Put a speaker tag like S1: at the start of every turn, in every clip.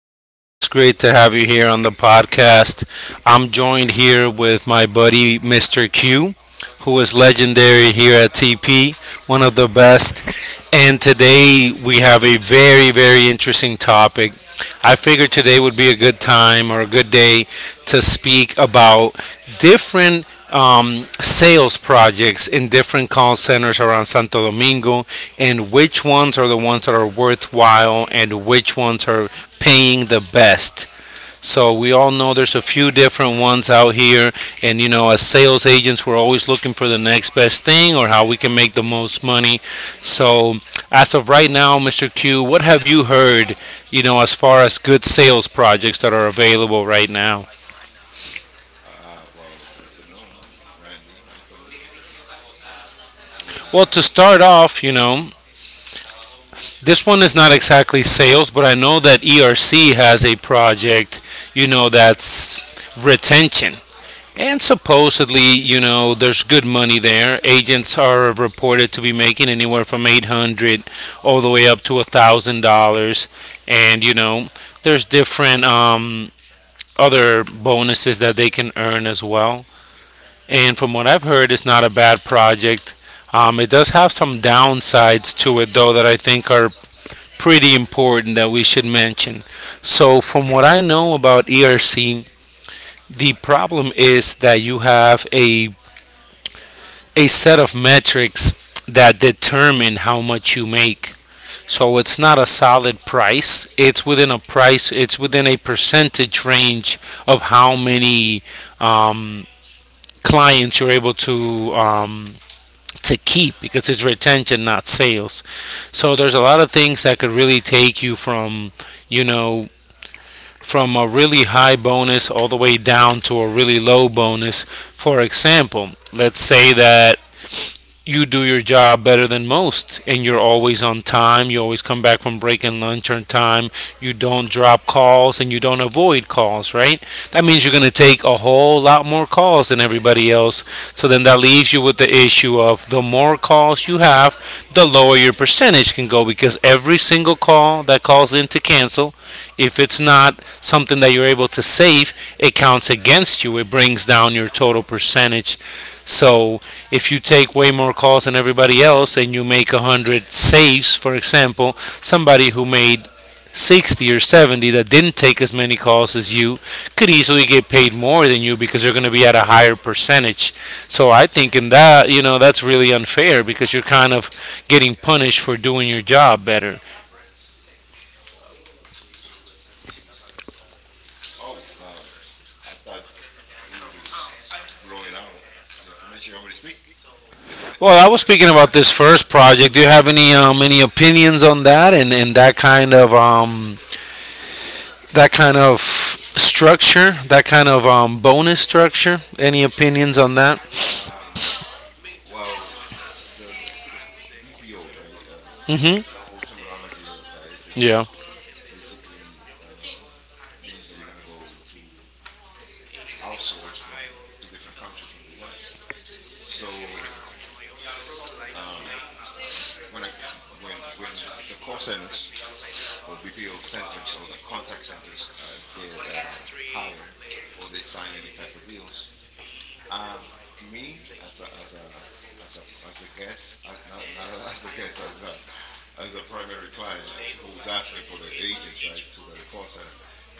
S1: everybody. It's great to have you here on the podcast. I'm joined here with my buddy, Mr. Q, who is legendary here at TP, one of the best. And today we have a very, very interesting topic. I figured today would be a good time or a good day to speak about different sales projects in different call centers around Santo Domingo, and which ones are the ones that are worthwhile and which ones are paying the best. So we all know there's a few different ones out here, and you know, as sales agents, we're always looking for the next best thing or how we can make the most money. So, as of right now, Mr. Q, what have you heard, you know, as far as good sales projects that are available right now?
S2: Well, good afternoon, Randy. How you doing? And
S1: Well, to start off, you know, this one is not exactly sales, but I know that ERC has a project, you know, that's retention. And supposedly, you know, there's good money there. Agents are reported to be making anywhere from 800 all the way up to $1,000. And, you know, there's different other bonuses that they can earn as well. And from what I've heard, it's not a bad project. It does have some downsides to it, though, that I think are pretty important that we should mention. So, from what I know about ERC, the problem is that you have a set of metrics that determine how much you make. So it's not a solid price. It's within a price. It's within a percentage range of how many um, clients you're able to keep because it's retention, not sales. So there's a lot of things that could really take you from, you know, from a really high bonus all the way down to a really low bonus. For example, let's say that you do your job better than most and you're always on time, you always come back from break and lunch on time, you don't drop calls and you don't avoid calls, right? That means you're going to take a whole lot more calls than everybody else. So then that leaves you with the issue of, the more calls you have, the lower your percentage can go, because every single call that calls in to cancel, if it's not something that you're able to save, it counts against you, it brings down your total percentage. So if you take way more calls than everybody else and you make 100 saves, for example, somebody who made 60 or 70 that didn't take as many calls as you could easily get paid more than you because they're going to be at a higher percentage. So I think in that, you know, that's really unfair because you're kind of getting punished for doing your job better.
S2: Oh, I thought you were just blowing out the information you want me to speak.
S1: Well, I was speaking about this first project. Do you have any opinions on that, and that kind of structure, that kind of bonus structure. Any opinions on that?
S2: Um, well, the you know BPO, right? The
S1: Hmm.
S2: whole terminology of that, it just
S1: Yeah.
S2: basically um, means that you're gonna go to outsource from to different countries from the U.S. So, um, when when the call centers or BPO centers or the contact centers get higher, or they sign any type of deals. Um, Me as a guest, not as a guest, as a primary client, so who's asking for the agents, right, to the call center,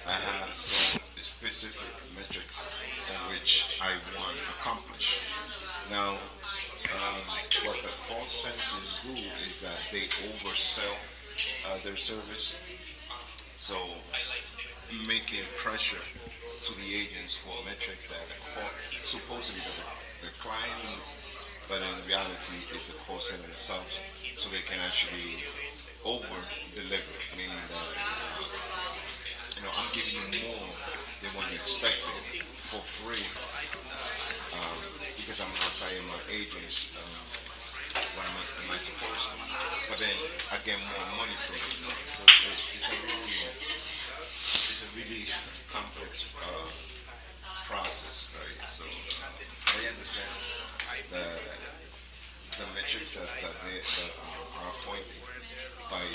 S2: I have some specific metrics on which I want accomplish. Now, what the call centers do is that they oversell their service. So, making pressure to the agents for metrics that the court, supposedly, that the client needs, but in reality, it's the call center itself, so they can actually over deliver, meaning that, um, I'm giving you more than what you expected for free, um, because I'm not paying my agents, what am I supposed to, but then I get more money from you, you know. So it's a really complex process, right? So, but I understand the the metrics that are appointed by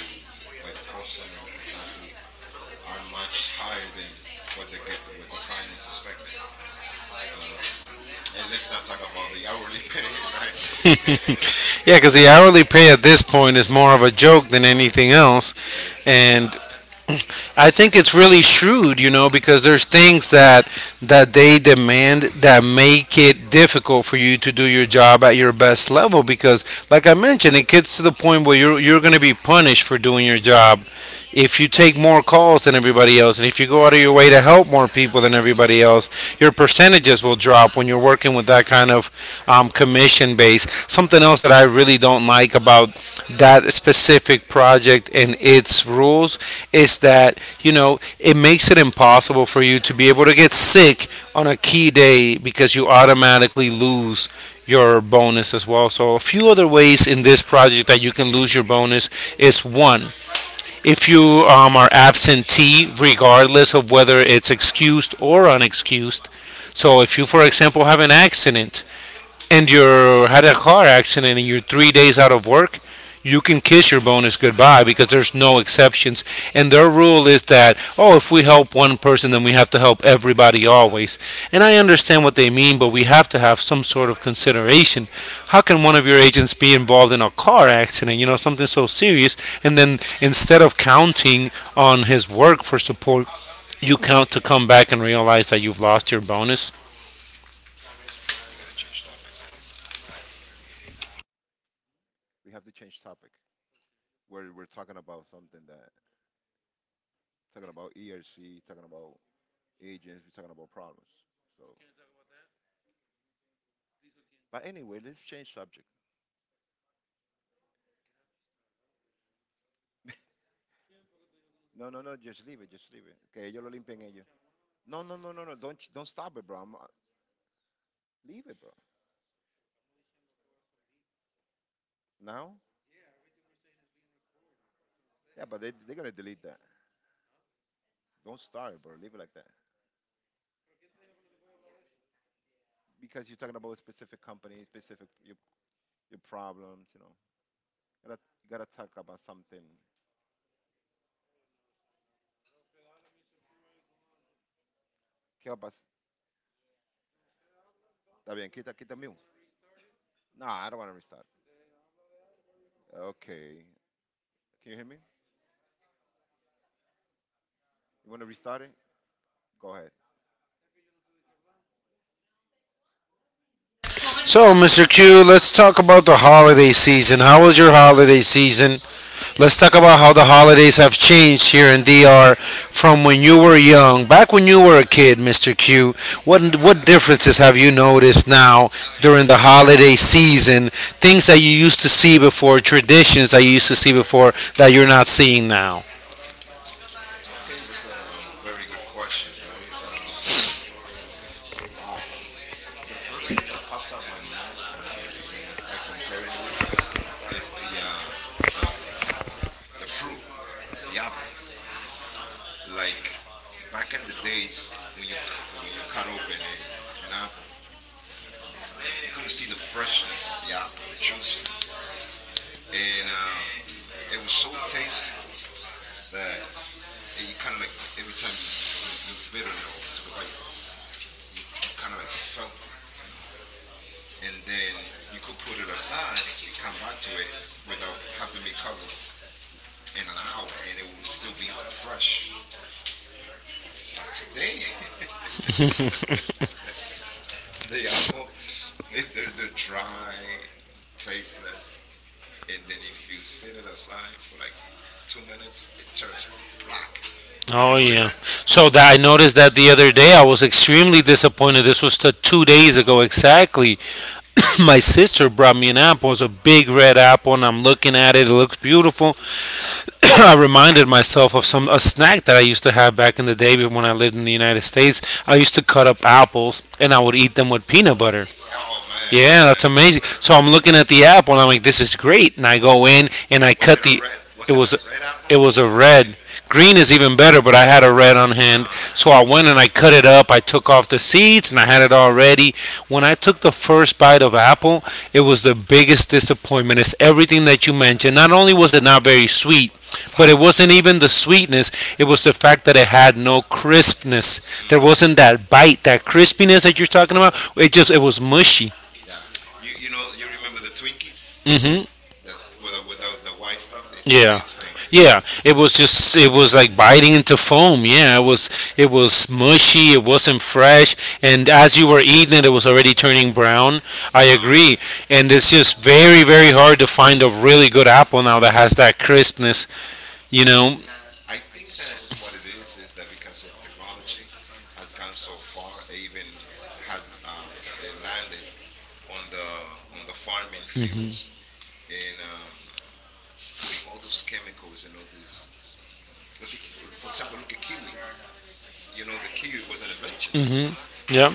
S2: by the call center exactly are much higher than what the client is expecting. Um, and let's not talk about the hourly pay, right?
S1: Yeah, because the hourly pay at this point is more of a joke than anything else,
S2: Exactly.
S1: and I think it's really shrewd, you know, because there's things that that they demand that make it difficult for you to do your job at your best level. Because, like I mentioned, it gets to the point where you're going to be punished for doing your job if you take more calls than everybody else, and if you go out of your way to help more people than everybody else sales, your percentages will drop when you're working with that kind of commission base. Something else that I really don't like about that specific project and its rules is that, you know, it makes it impossible for you to be able to get sick on a key day because you automatically lose your bonus as well. So a few other ways in this project that you can lose your bonus is, one, if you are absentee, regardless of whether it's excused or unexcused. So, if you, for example, have an accident and you had a car accident and you're 3 days out of work, you can kiss your bonus goodbye because there's no exceptions. And their rule is that, oh, if we help one person, then we have to help everybody always. And I understand what they mean, but we have to have some sort of consideration. How can one of your agents be involved in a car accident, you know, something so serious, and then instead of counting on his work for support, you count to come back and realize that you've lost your bonus?
S2: You gotta change topic. We have to change topic. We're talking about something that talking about ERC, talking about agents, we're talking about problems. So, but anyway, let's change subject. No, no, no. Just leave it. Just leave it. Que ellos lo limpian ellos. No, no, no, no, no. Don't stop it, bro. Leave it, bro. Now? Yeah, but they're gonna delete that. Don't start it, bro. Leave it like that. Because you're talking about a specific company, specific your problems. You know, you gotta talk about something. ¿Qué va a pas- Está bien. Quita quita mute. Nah, I don't wanna restart. Okay. Can you hear me? You wanna restart it? Go ahead.
S1: So, Mr. Q, let's talk about the holiday season. How was your holiday season? Let's talk about how the holidays have changed here in DR from when you were young. Back when you were a kid, Mr. Q, what differences have you noticed now during the holiday season? Things that you used to see before, traditions that you used to see before that you're not seeing now.
S2: Okay, that's a very good question, right? Wow. The first thing that pops up my mind, when I start comparing this, is the the fruit, the apple. Like back in the days when when you cut open a an apple, you could see the freshness of the apple, the juiciness, and it was so tasteful that, you kind of like, every time you bit on it or took a bite, you kind of like felt it. And then you could put it aside and come back to it without having me cover in an hour, and it would still be fresh. But today, the apple, they're dry, tasteless, and then you sit it aside for like 2 minutes, it turns black. Have you
S1: Oh
S2: noticed
S1: yeah. So that I noticed that the other day. I was extremely disappointed. This was 2 days ago exactly. My sister brought me an apple. It's a big red apple, and I'm looking at it. It looks beautiful. I reminded myself of some a snack that I used to have back in the day when I lived in the United States. I used to cut up apples and I would eat them with peanut butter.
S2: that? Oh man,
S1: Yeah,
S2: yeah.
S1: that's
S2: Love
S1: amazing.
S2: that.
S1: So I'm looking at the apple and I'm like, this is great. And I go in and I
S2: Was it
S1: cut
S2: a
S1: the.
S2: red? Was
S1: It
S2: it a
S1: was
S2: red
S1: it
S2: apple or
S1: was a
S2: green?
S1: red. Green is even better, but I had a red on hand.
S2: Uh,
S1: So I went and I cut it up. I took off the seeds and I had it all ready. When I took the first bite of apple, it was the biggest disappointment. It's everything that you mentioned. Not only was it not very sweet, but
S2: Sour.
S1: it wasn't even the sweetness, it was the fact that it had no crispness. There
S2: Hmm.
S1: wasn't that bite, that crispiness that you're talking about. It just it was mushy.
S2: Yeah. You know, you remember the Twinkies?
S1: Mm. Mhm.
S2: That without
S1: The,
S2: the
S1: without.
S2: white stuff is the same
S1: Yeah.
S2: thing.
S1: Yeah, it was just it was like biting into foam. Yeah, it was mushy. It wasn't fresh, and as you were eating it, it was already turning brown.
S2: It's
S1: I
S2: brown.
S1: agree, and it's just very, very hard to find a really good apple now that has that crispness. You know.
S2: I think that what it is that because the technology has gone so far, even has, it landed on the farming fields, and, I mean, all those chemicals and all this. Look at, for example, look at kiwi. You know, the kiwi was an invention.
S1: Yeah.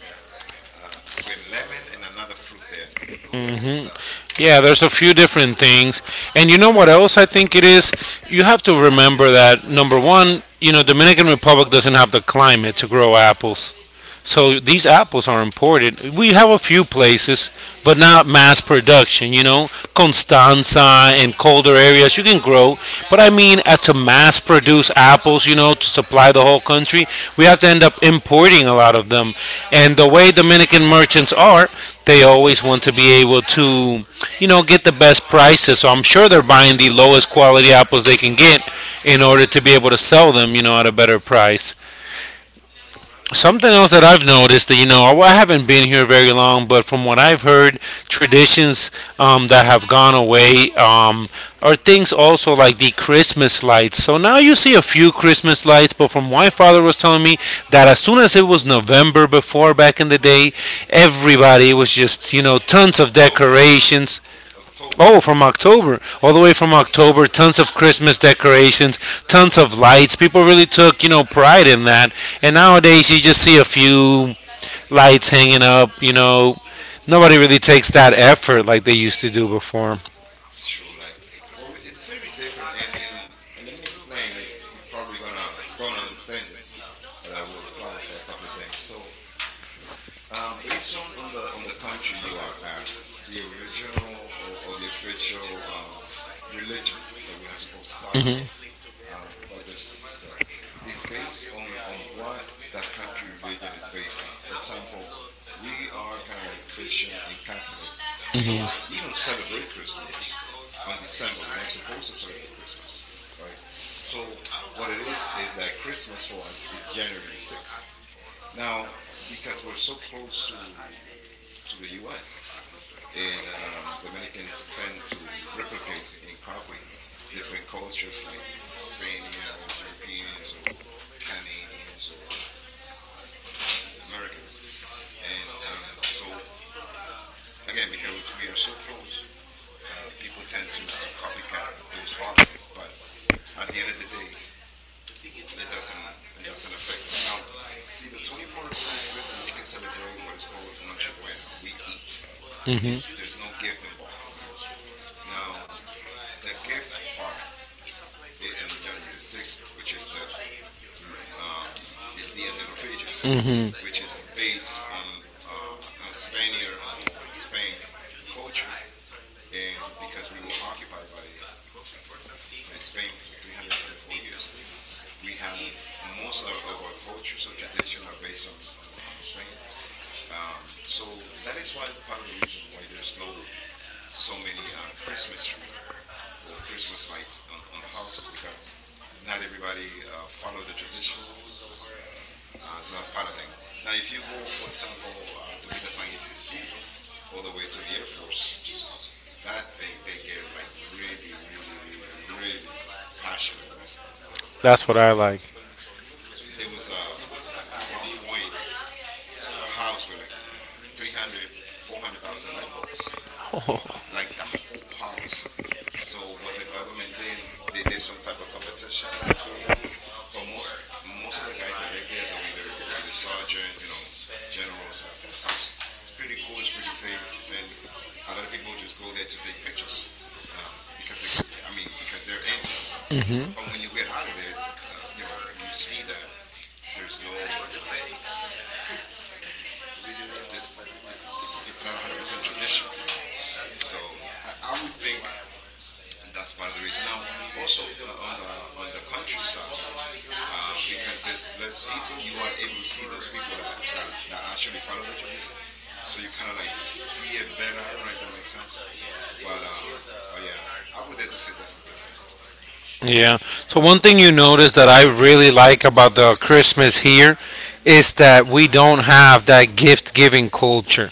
S2: Yeah, with lemon and another fruit there. Google that.
S1: Hmm.
S2: Uh,
S1: Yeah, there's a few different things. And you know what else I think it is? You have to remember that, number one, you know, Dominican Republic doesn't have the climate to grow apples. So these apples are imported.
S2: no,
S1: We have a few places, but not mass production. You know, Constanza and colder areas you can grow, but I mean, to mass produce apples, you know, to supply the whole country, we have to end up importing a lot of them. And the way Dominican merchants are, they always want to be able to, you know, get the best prices. So I'm sure they're buying the lowest quality apples they can get in order to be able to sell them, you know, at a better price. Something else that I've noticed that, you know, I haven't been here very long, but from what I've heard, traditions that have gone away are things also like the Christmas lights. So now you see a few Christmas lights, but from what my father was telling me, that as soon as it was November before back in the day, everybody was just, you know, tons of
S2: October,
S1: decorations.
S2: right? October.
S1: Oh, from October, all the way from October, tons of Christmas decorations, tons of lights. People really took, you know, pride in that. And nowadays, you just see a few lights hanging up. You know, nobody really takes that effort like they used to do before.
S2: It's true. Like, well, it's very different. And let me explain. You're probably gonna don't understand this, but I will clarify a couple of things. So, based on the country you are at, the original or the official religion that we're not supposed to talk about, but just, you know, it's based on what the country religion is based on. For example, we are kind of like Christian and Catholic, so we don't celebrate Christmas on December. We're not supposed to celebrate Christmas, right? So what it is that Christmas for us is January the 6th. Now, because we're so close to the U.S., and, Dominicans tend to replicate and copy different cultures like Spaniards, Europeans, or Canadians, or Americans. And, so, again, because we are so close, people tend to copycat those holidays. But at the end of the day, it doesn't it doesn't affect us. Now, see, the 24th or 25th, Dominicans celebrate what is called Noche Buena. We eat. There's no gift involved, right? Now, the gift part is on January the 6th, which is the l- um, El Dia de los Reyes, which is based on a Spaniard or Spain culture. And because we were occupied by Spain for 324 years, we have most of our cultures or tradition are based on Spain. So that is why, part of the reason why, there's no so many Christmas trees or Christmas lights on the houses, because not everybody follow the tradition. Um, and so that's part of the thing. Now, if you go, for example, to Villa San Isidro, all the way to the Air Force, that thing, they get like really, really, really, really passionate with that stuff.
S1: That's what I like.
S2: There was, at one point, a house with like 300, 400,000 light bulbs. Like the whole house. So what the government did, they did some type of competition between them. But most of the guys that live there, though, either sergeant, you know, generals like that. So it's pretty cool. It's pretty safe, and a lot of people just go there to take pictures, because I mean, because they're into that stuff. But when you get out of there, you know, you see that there's no this this it's not 100% tradition. So I would think that's part of the reason. Now, also, on the countryside, because this lets people, you are able to see those people that actually follow the tradition, so you kind of like see it better. I don't know if that makes sense, but, yeah, I would just say that's the difference, though. What do you
S1: Yeah. So one thing you notice that I really like about the Christmas here is that we don't have that gift-giving culture.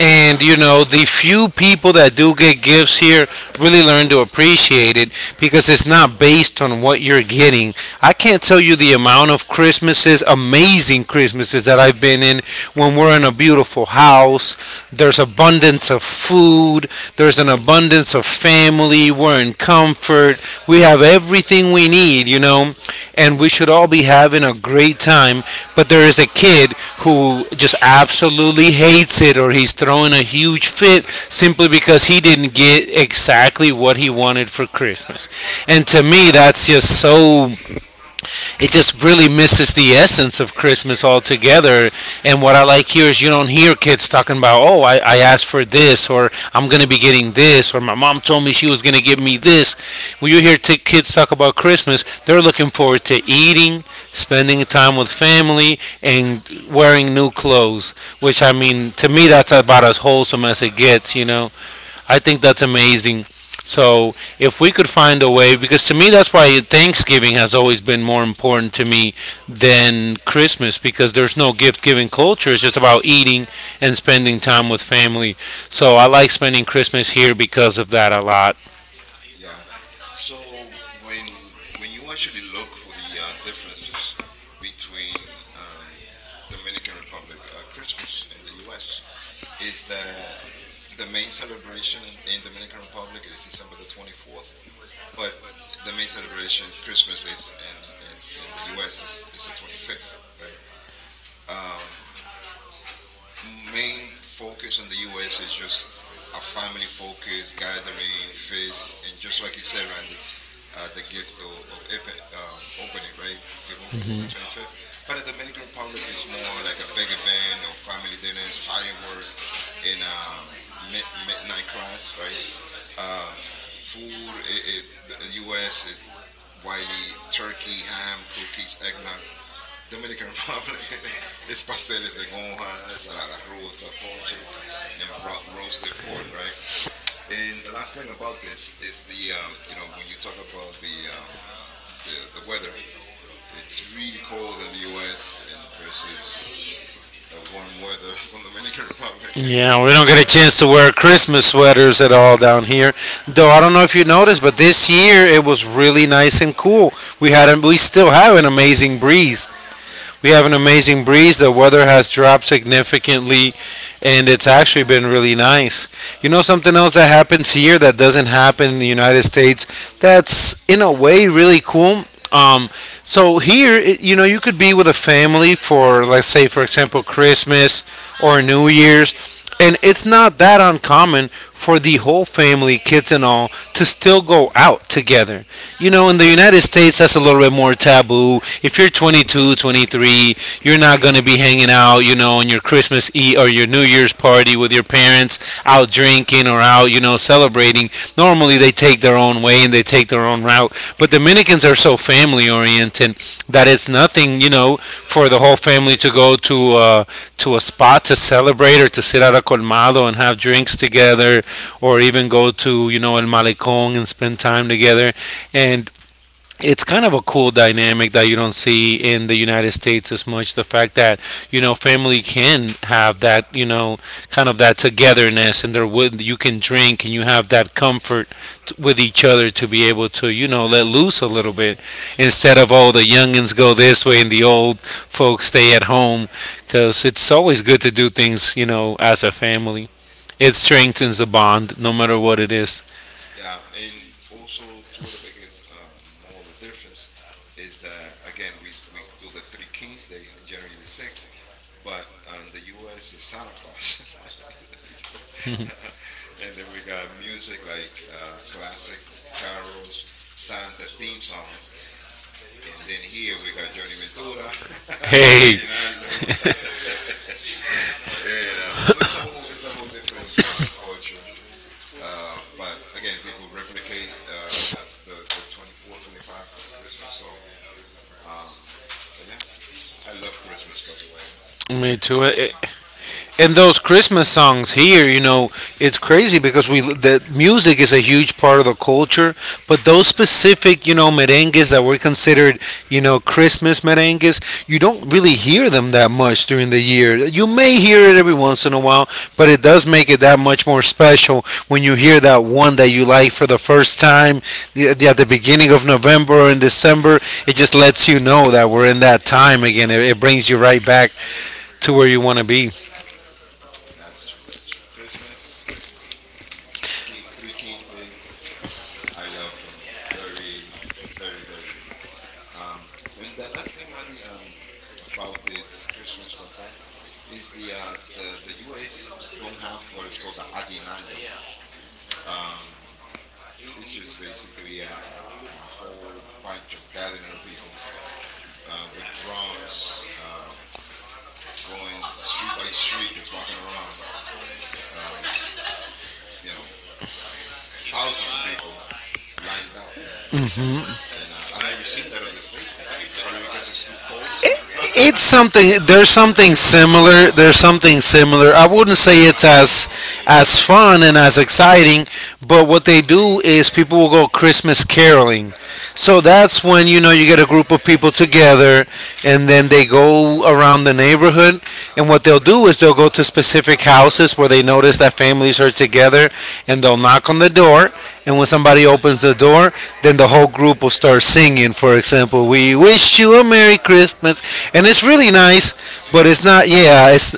S2: think?
S1: you
S2: Exactly.
S1: know, the few people that do get gifts here really learn to appreciate it because it's not based on what you're getting. I can't tell you the amount of Christmases, amazing Christmases that I've been in when we're in a beautiful house. There's abundance of food, there's an abundance of family, we're in comfort, we have everything we need, you know, and we should all be having a great time. But there is a kid who just absolutely hates it or he's throwing a huge fit simply because he didn't get exactly what he wanted for Christmas. And to me, that's just so it just really misses the essence of Christmas altogether. And what I like here is you don't hear kids talking about, oh, I asked for this, or I'm going to be getting this, or my mom told me she was going to give me this. When you hear kids talk about Christmas, they're looking forward to eating, spending time with family, and wearing new clothes, which I mean, to me, that's about as wholesome as it gets, you know? I think that's amazing. So if we could find a way, because to me that's why Thanksgiving has always been more important to me than Christmas, because there's no gift giving culture. It's just about eating and spending time with family. So I like spending Christmas here because of that a lot.
S2: Yeah. So when you actually look for the, differences between, um, Dominican Republic Christmas and the U.S., is that the main celebration in Dominican Republic is December the 24th, but the main celebration Christmas is in the U.S. is it's the 25th, right? Um, Main focus in the U.S. is just a family focus, gathering, feast, and just like you said, Randy, the gift of opening, right? Give opening on the 25th. But in the Dominican Republic, it's more like a big event or family dinners, firework, and, midnight class, right? Um, Food, the U.S. is Wiley, turkey, ham, cookies, eggnog. Dominican Republic is pasteles en hoja, ensalada rusa, ponche, and roasted pork, right? And the last thing about this is when you talk about the weather, it's really cold in the U.S. and versus the warm weather from Dominican Republic.
S1: Yeah, we don't
S2: It's,
S1: get a
S2: uh,
S1: chance to wear Christmas sweaters at all down here. Though
S2: yeah,
S1: I don't know if you noticed, but this year it was really nice and cool.
S2: yeah,
S1: We still have an amazing breeze.
S2: yeah.
S1: We have an amazing breeze. The weather has dropped significantly, and it's actually been really nice. You know something else that happens here that doesn't happen in the United States. That's in a way really cool. Um, so here, you know, you could be with a family for, let's say, for example, Christmas or New Year's, and it's not that uncommon for the whole family, kids and all, to still go out together, you know, in the United States, that's a little bit more taboo. If you're 22, 23, you're not going to be hanging out, you know, on your Christmas Eve or your New Year's party with your parents out drinking or out, you know, celebrating. Normally, they take their own way and they take their own route. But Dominicans are so family oriented that
S2: Mhm.
S1: it's nothing, you know, for the whole family to go to a spot to celebrate or to sit at a colmado and have drinks together, or even go to, you know, El Malecon and spend time together. And it's kind of a cool dynamic that you don't see in the United States as much. The fact that, you know, family can have that, you know, kind of that togetherness, and there would you can drink and you have that comfort with each other to be able to, you know, let loose a little bit instead of all the youngins go this way and the old folks stay at home, because it's always good to do things, you know, as a family. It strengthens the bond no matter what it is.
S2: Yeah, and also, two of the biggest, more of a difference is that, again, we do the Three Kings Day on January the 6th, but on the U.S. is Santa Claus, so, and then we got music like, classic carols, Santa theme songs, and then here we got Johnny Ventura,
S1: Hey.
S2: Rinaldo, and, so it's a whole different culture. But again, people replicate, the 24, 25 for the Christmas. So, um, but yeah, I love Christmas. By the way,
S1: Me
S2: I
S1: too. I-
S2: speak-
S1: and those Christmas songs here, you know, it's crazy because we the music is a huge part of the culture, but those specific, you know, merengues that were considered, you know, Christmas merengues, you don't really hear them that much during the year. You may hear it every once in a while, but it does make it that much more special when you hear that one that you like for the first time at the beginning of November or in December. It just lets you know that we're in that time again. It brings you right back to where you want to be.
S2: that's true. That's true. Christmas, King, three Kings days. I love them very, very, very. When The last thing, Randy, about this Christmas stuff, right, is the U.S. don't have what is called the aguinaldo. Um, It's just basically a whole bunch of gathering of people, with drums, going street by street, just walking around. Um, you know, Thousands of people lined up. You know, and, I've never seen that on the state. Probably because it's too cold. So much,
S1: It's something There's something
S2: so much snow.
S1: similar. I wouldn't say it's as fun and as exciting, but what they do is people will go Christmas caroling. So that's when, you know, you get a group of people together, and then they go around the neighborhood. And what they'll do is they'll go to specific houses where they notice that families are together, and they'll knock on the door. And when somebody opens the door, then the whole group will start singing. For example, "We wish you a Merry Christmas," and it's
S2: Oh,
S1: really nice, but
S2: yeah,
S1: it's not. Yeah, it's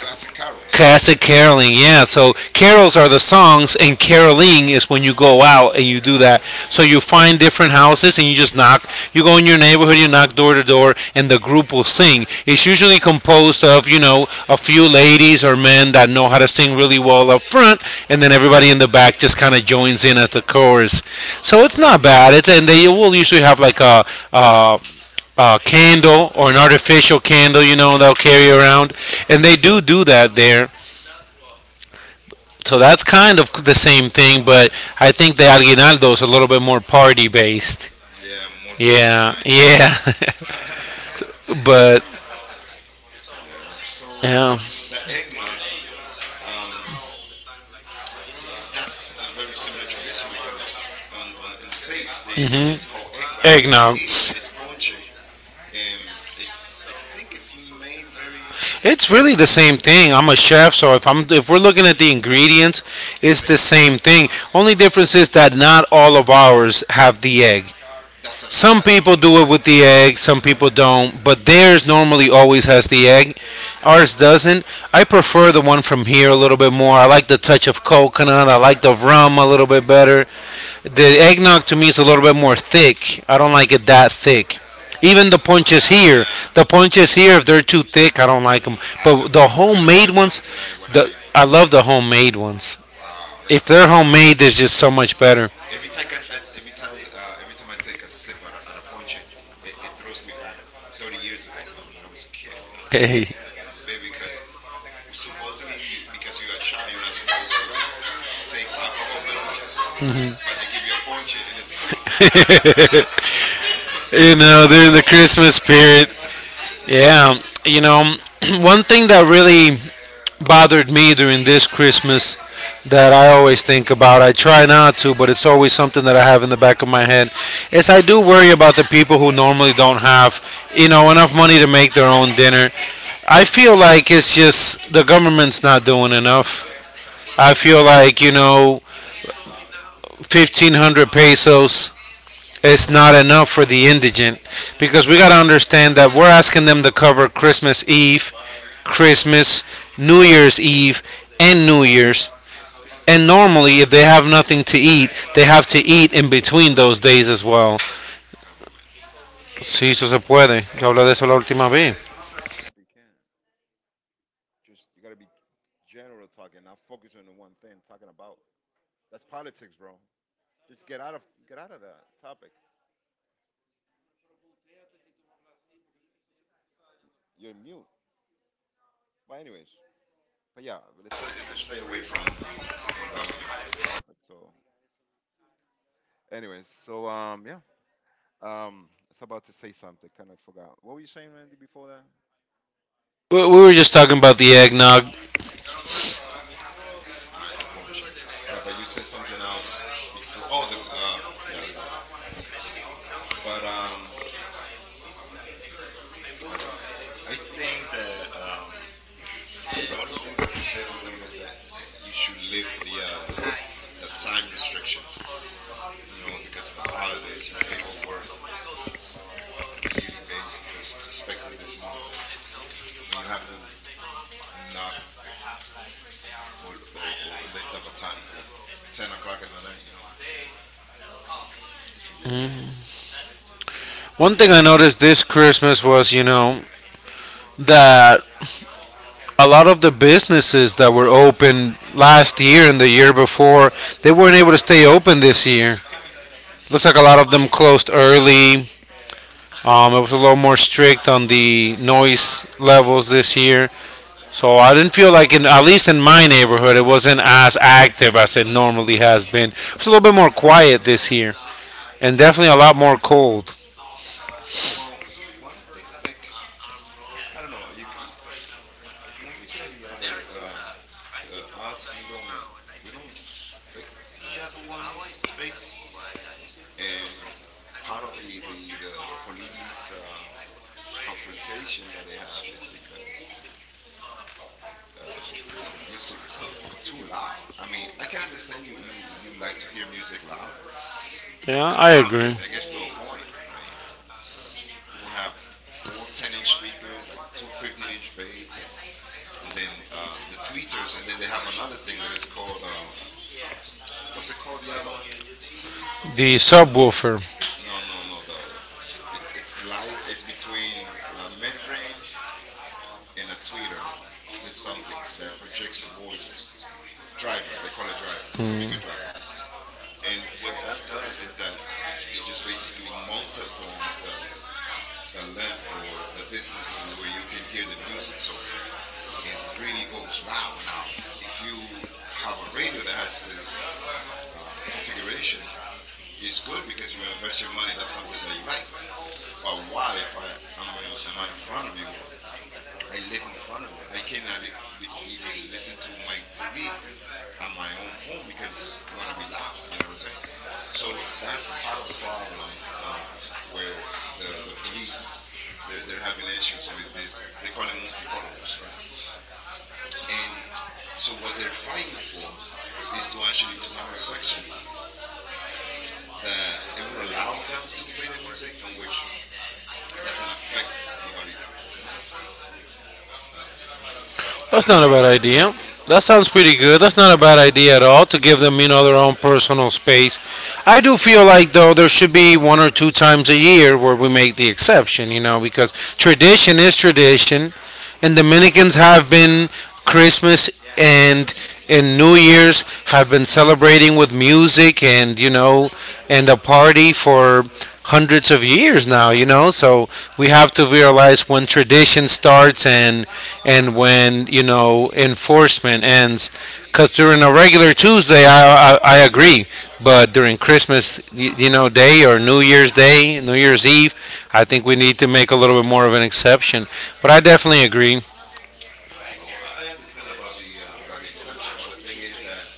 S2: classic carols.
S1: classic caroling, yeah. So carols are the songs, and caroling is when you go out and you do that. So you
S2: Oh,
S1: find different houses and you just knock. You go in your neighborhood, you knock door to door, and the group will sing. It's usually composed of, you know, a few ladies or men that know how to sing really well up front, and then everybody in the back just kind of joins in as the chorus. So it's not bad. It's and they will usually have like a candle or an artificial candle, you know, they'll carry around. And they do do that there. So that's kind of the same thing, but I think the aguinaldo is a little bit more party based.
S2: yeah, more Dominican.
S1: Yeah,
S2: Ones,
S1: yeah,
S2: Yeah.
S1: but, yeah.
S2: The eggnog. Um, that's a very similar tradition because on in the states they
S1: Mhm.
S2: it's called eggnog. But
S1: Eggnog.
S2: here it's ponche, and it's I think it's made very
S1: It's really the same thing. I'm a chef, so if we're looking at the ingredients,
S2: the
S1: it's
S2: same
S1: the
S2: thing.
S1: same thing. Only difference is that not all of ours have the egg.
S2: That's a
S1: Some
S2: yeah,
S1: people do it with the egg, some people don't, but theirs normally always has the egg. Ours doesn't. I prefer the one from here a little bit more. I like the touch of coconut. I like the rum a little bit better. The
S2: cookie.
S1: eggnog to me is a little bit more thick. I don't like it that thick. Even the punches
S2: Oh
S1: here,
S2: yeah,
S1: if they're too thick, I don't like them.
S2: I
S1: But
S2: love
S1: the
S2: ponche. I'm gonna buy
S1: homemade
S2: one
S1: ones,
S2: tonight when I
S1: the
S2: leave.
S1: I love the homemade ones.
S2: Wow, I'm gonna
S1: If
S2: buy
S1: they're
S2: one.
S1: homemade, they're just so much better.
S2: Every time I take a sip at a ponche, it throws me back 30 years ago, man, when I was a kid, you
S1: Hey,
S2: know, as a baby, because supposedly because you're a child, you're not supposed to take alcohol beverages. Like they give you a ponche and it's cool, but
S1: you
S2: it
S1: know,
S2: has to
S1: during
S2: go
S1: the Christmas spirit. Yeah, you know, one thing that really bothered me during this Christmas that I always think about. I try not to, but it's always something that I have in the back of my head. Is I do worry about the people who normally don't have, you know, enough money to make their own dinner. I feel like it's just the government's not doing enough. I feel like, you know, 1500 pesos is not enough for the indigent, because we got to understand that we're asking them to cover Christmas Eve, Christmas, New Year's Eve, and New Year's. And normally, if they have nothing to eat, they have to eat in between those days as well.
S2: government.
S1: Sí, eso se puede. Yo hablé de eso la última vez.
S2: That'd be can. Just you gotta be general talking, not focus on the one thing. Talking about that's politics, bro. Just get out of Get out of that topic. You're mute. But anyways, but let's stay away from government topic. So anyways, I was about to say something, kind of forgot. What were you saying, Randy, before that?
S1: We were just talking about the eggnog.
S2: Ah, in the ponche. Yeah, but you said something else before. The government. But I don't know. I think that the only thing that I could say about the government is that you should lift the time restrictions, you know, because of the holidays. You know, people work on a yearly basis, just expecting this month, and when you have to knock or lift up a time for like 10 o'clock in the night, you know, so it's really rare.
S1: One thing I noticed this Christmas was, you know, that a lot of the businesses that were open last year and the year before, they weren't able to stay open this year. Looks like a
S2: Hmm.
S1: lot of them closed early. It was a little more strict on the noise levels this year.
S2: Yep.
S1: So I didn't feel like, in, at least in my neighborhood, it wasn't as active as it normally has been. It's a little bit more quiet this year, and definitely a lot more cold.
S2: Well, one thing like I don't know. For one reason or the other. Us, we don't respect the other one's space, and part of the police confrontation that they have is because you know, music is too loud. I mean, I can understand you like to hear music loud, but
S1: Yeah,
S2: come
S1: I
S2: on, man,
S1: agree.
S2: that gets to a point. Right, you will have four 10-inch speakers, like two 15-inch bass, and and then the tweeters, and then they have another thing that is called what's it called, the other one?
S1: The subwoofer.
S2: No, no, no. The It's light. It's between a mid-range and a tweeter. There's something that projects the voice. Driver. They call it driver, speaker driver. And what that does is that it just basically multiplies the length or the distance of where you can hear the music. So it really goes loud. Now, if you have a radio that has this configuration, it's good because you invest your money. That's something that you like. But why, if am in front of you, I live in front of you. I cannot li- li- Even listen to my TV on my own home because you want to be loud. You know what I'm saying? So that's part of the problem, where the police, they're having issues with this. They call them musicologos, right? And so what they're fighting for is to actually to have a section that it would allow them to play the music in which it doesn't affect nobody's. Huh? Um, I
S1: That's
S2: don't know.
S1: not a bad idea. That sounds pretty good. That's not a bad idea at all to give them, you know, their own personal space. I do feel like though there should be one or two times a year where we make the exception, you know, because tradition is tradition, and Dominicans have been Christmas and and New Year's have been celebrating with music and, you know, and a party for hundreds of years now, you know, so we have to realize when tradition starts and when, you know, enforcement ends, because during a regular Tuesday, I agree, but during Christmas, you know, day or New Year's Day, New Year's Eve, I think we need to make a little bit more of an exception. But I definitely agree.
S2: Well, I understand about the exception, but the thing is that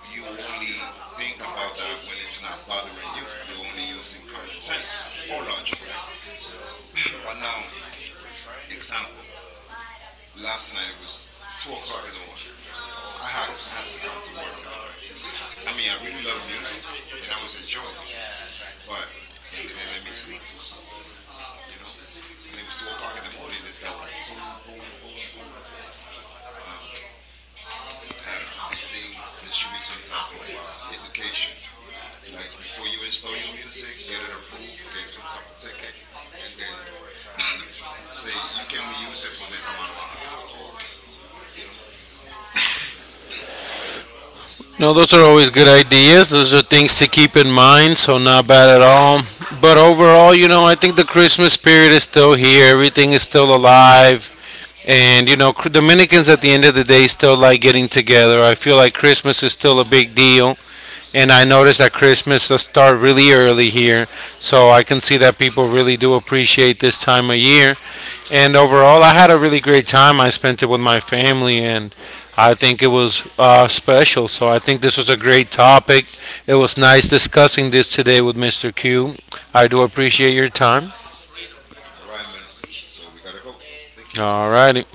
S2: you only think about that when it's not bothering you. You're only using common sense or logic, right? But now, example: last night it was 2 o'clock in the morning. I had to come to work today, right? I mean, I really love music and I was enjoying it, but it didn't let me sleep, you know. And it was 2 o'clock in the morning. This guy was like boom, boom, boom, boom, boom. Um, I don't know. I think there should be some type of education, like before you install your music, get it approved, get some type of ticket, and then say you can only use it for this amount of hours, or you know, sorry.
S1: No, those are always good ideas. Those are things to keep in mind, so not bad at all. But overall, you know, I think the Christmas spirit is still here. Everything is still alive. And, you know, Dominicans at the end of the day still like getting together. I feel like Christmas is still a big deal. And I noticed that Christmas does start really early here, so I can see that people really do appreciate this time of year. And overall, I had a really great time. I spent it with my family, and I think it was special. So I think this was a great topic. It was nice discussing this today with Mr. Q. I do appreciate your time.
S2: All right, man. So we gotta go. Thank you.
S1: All righty.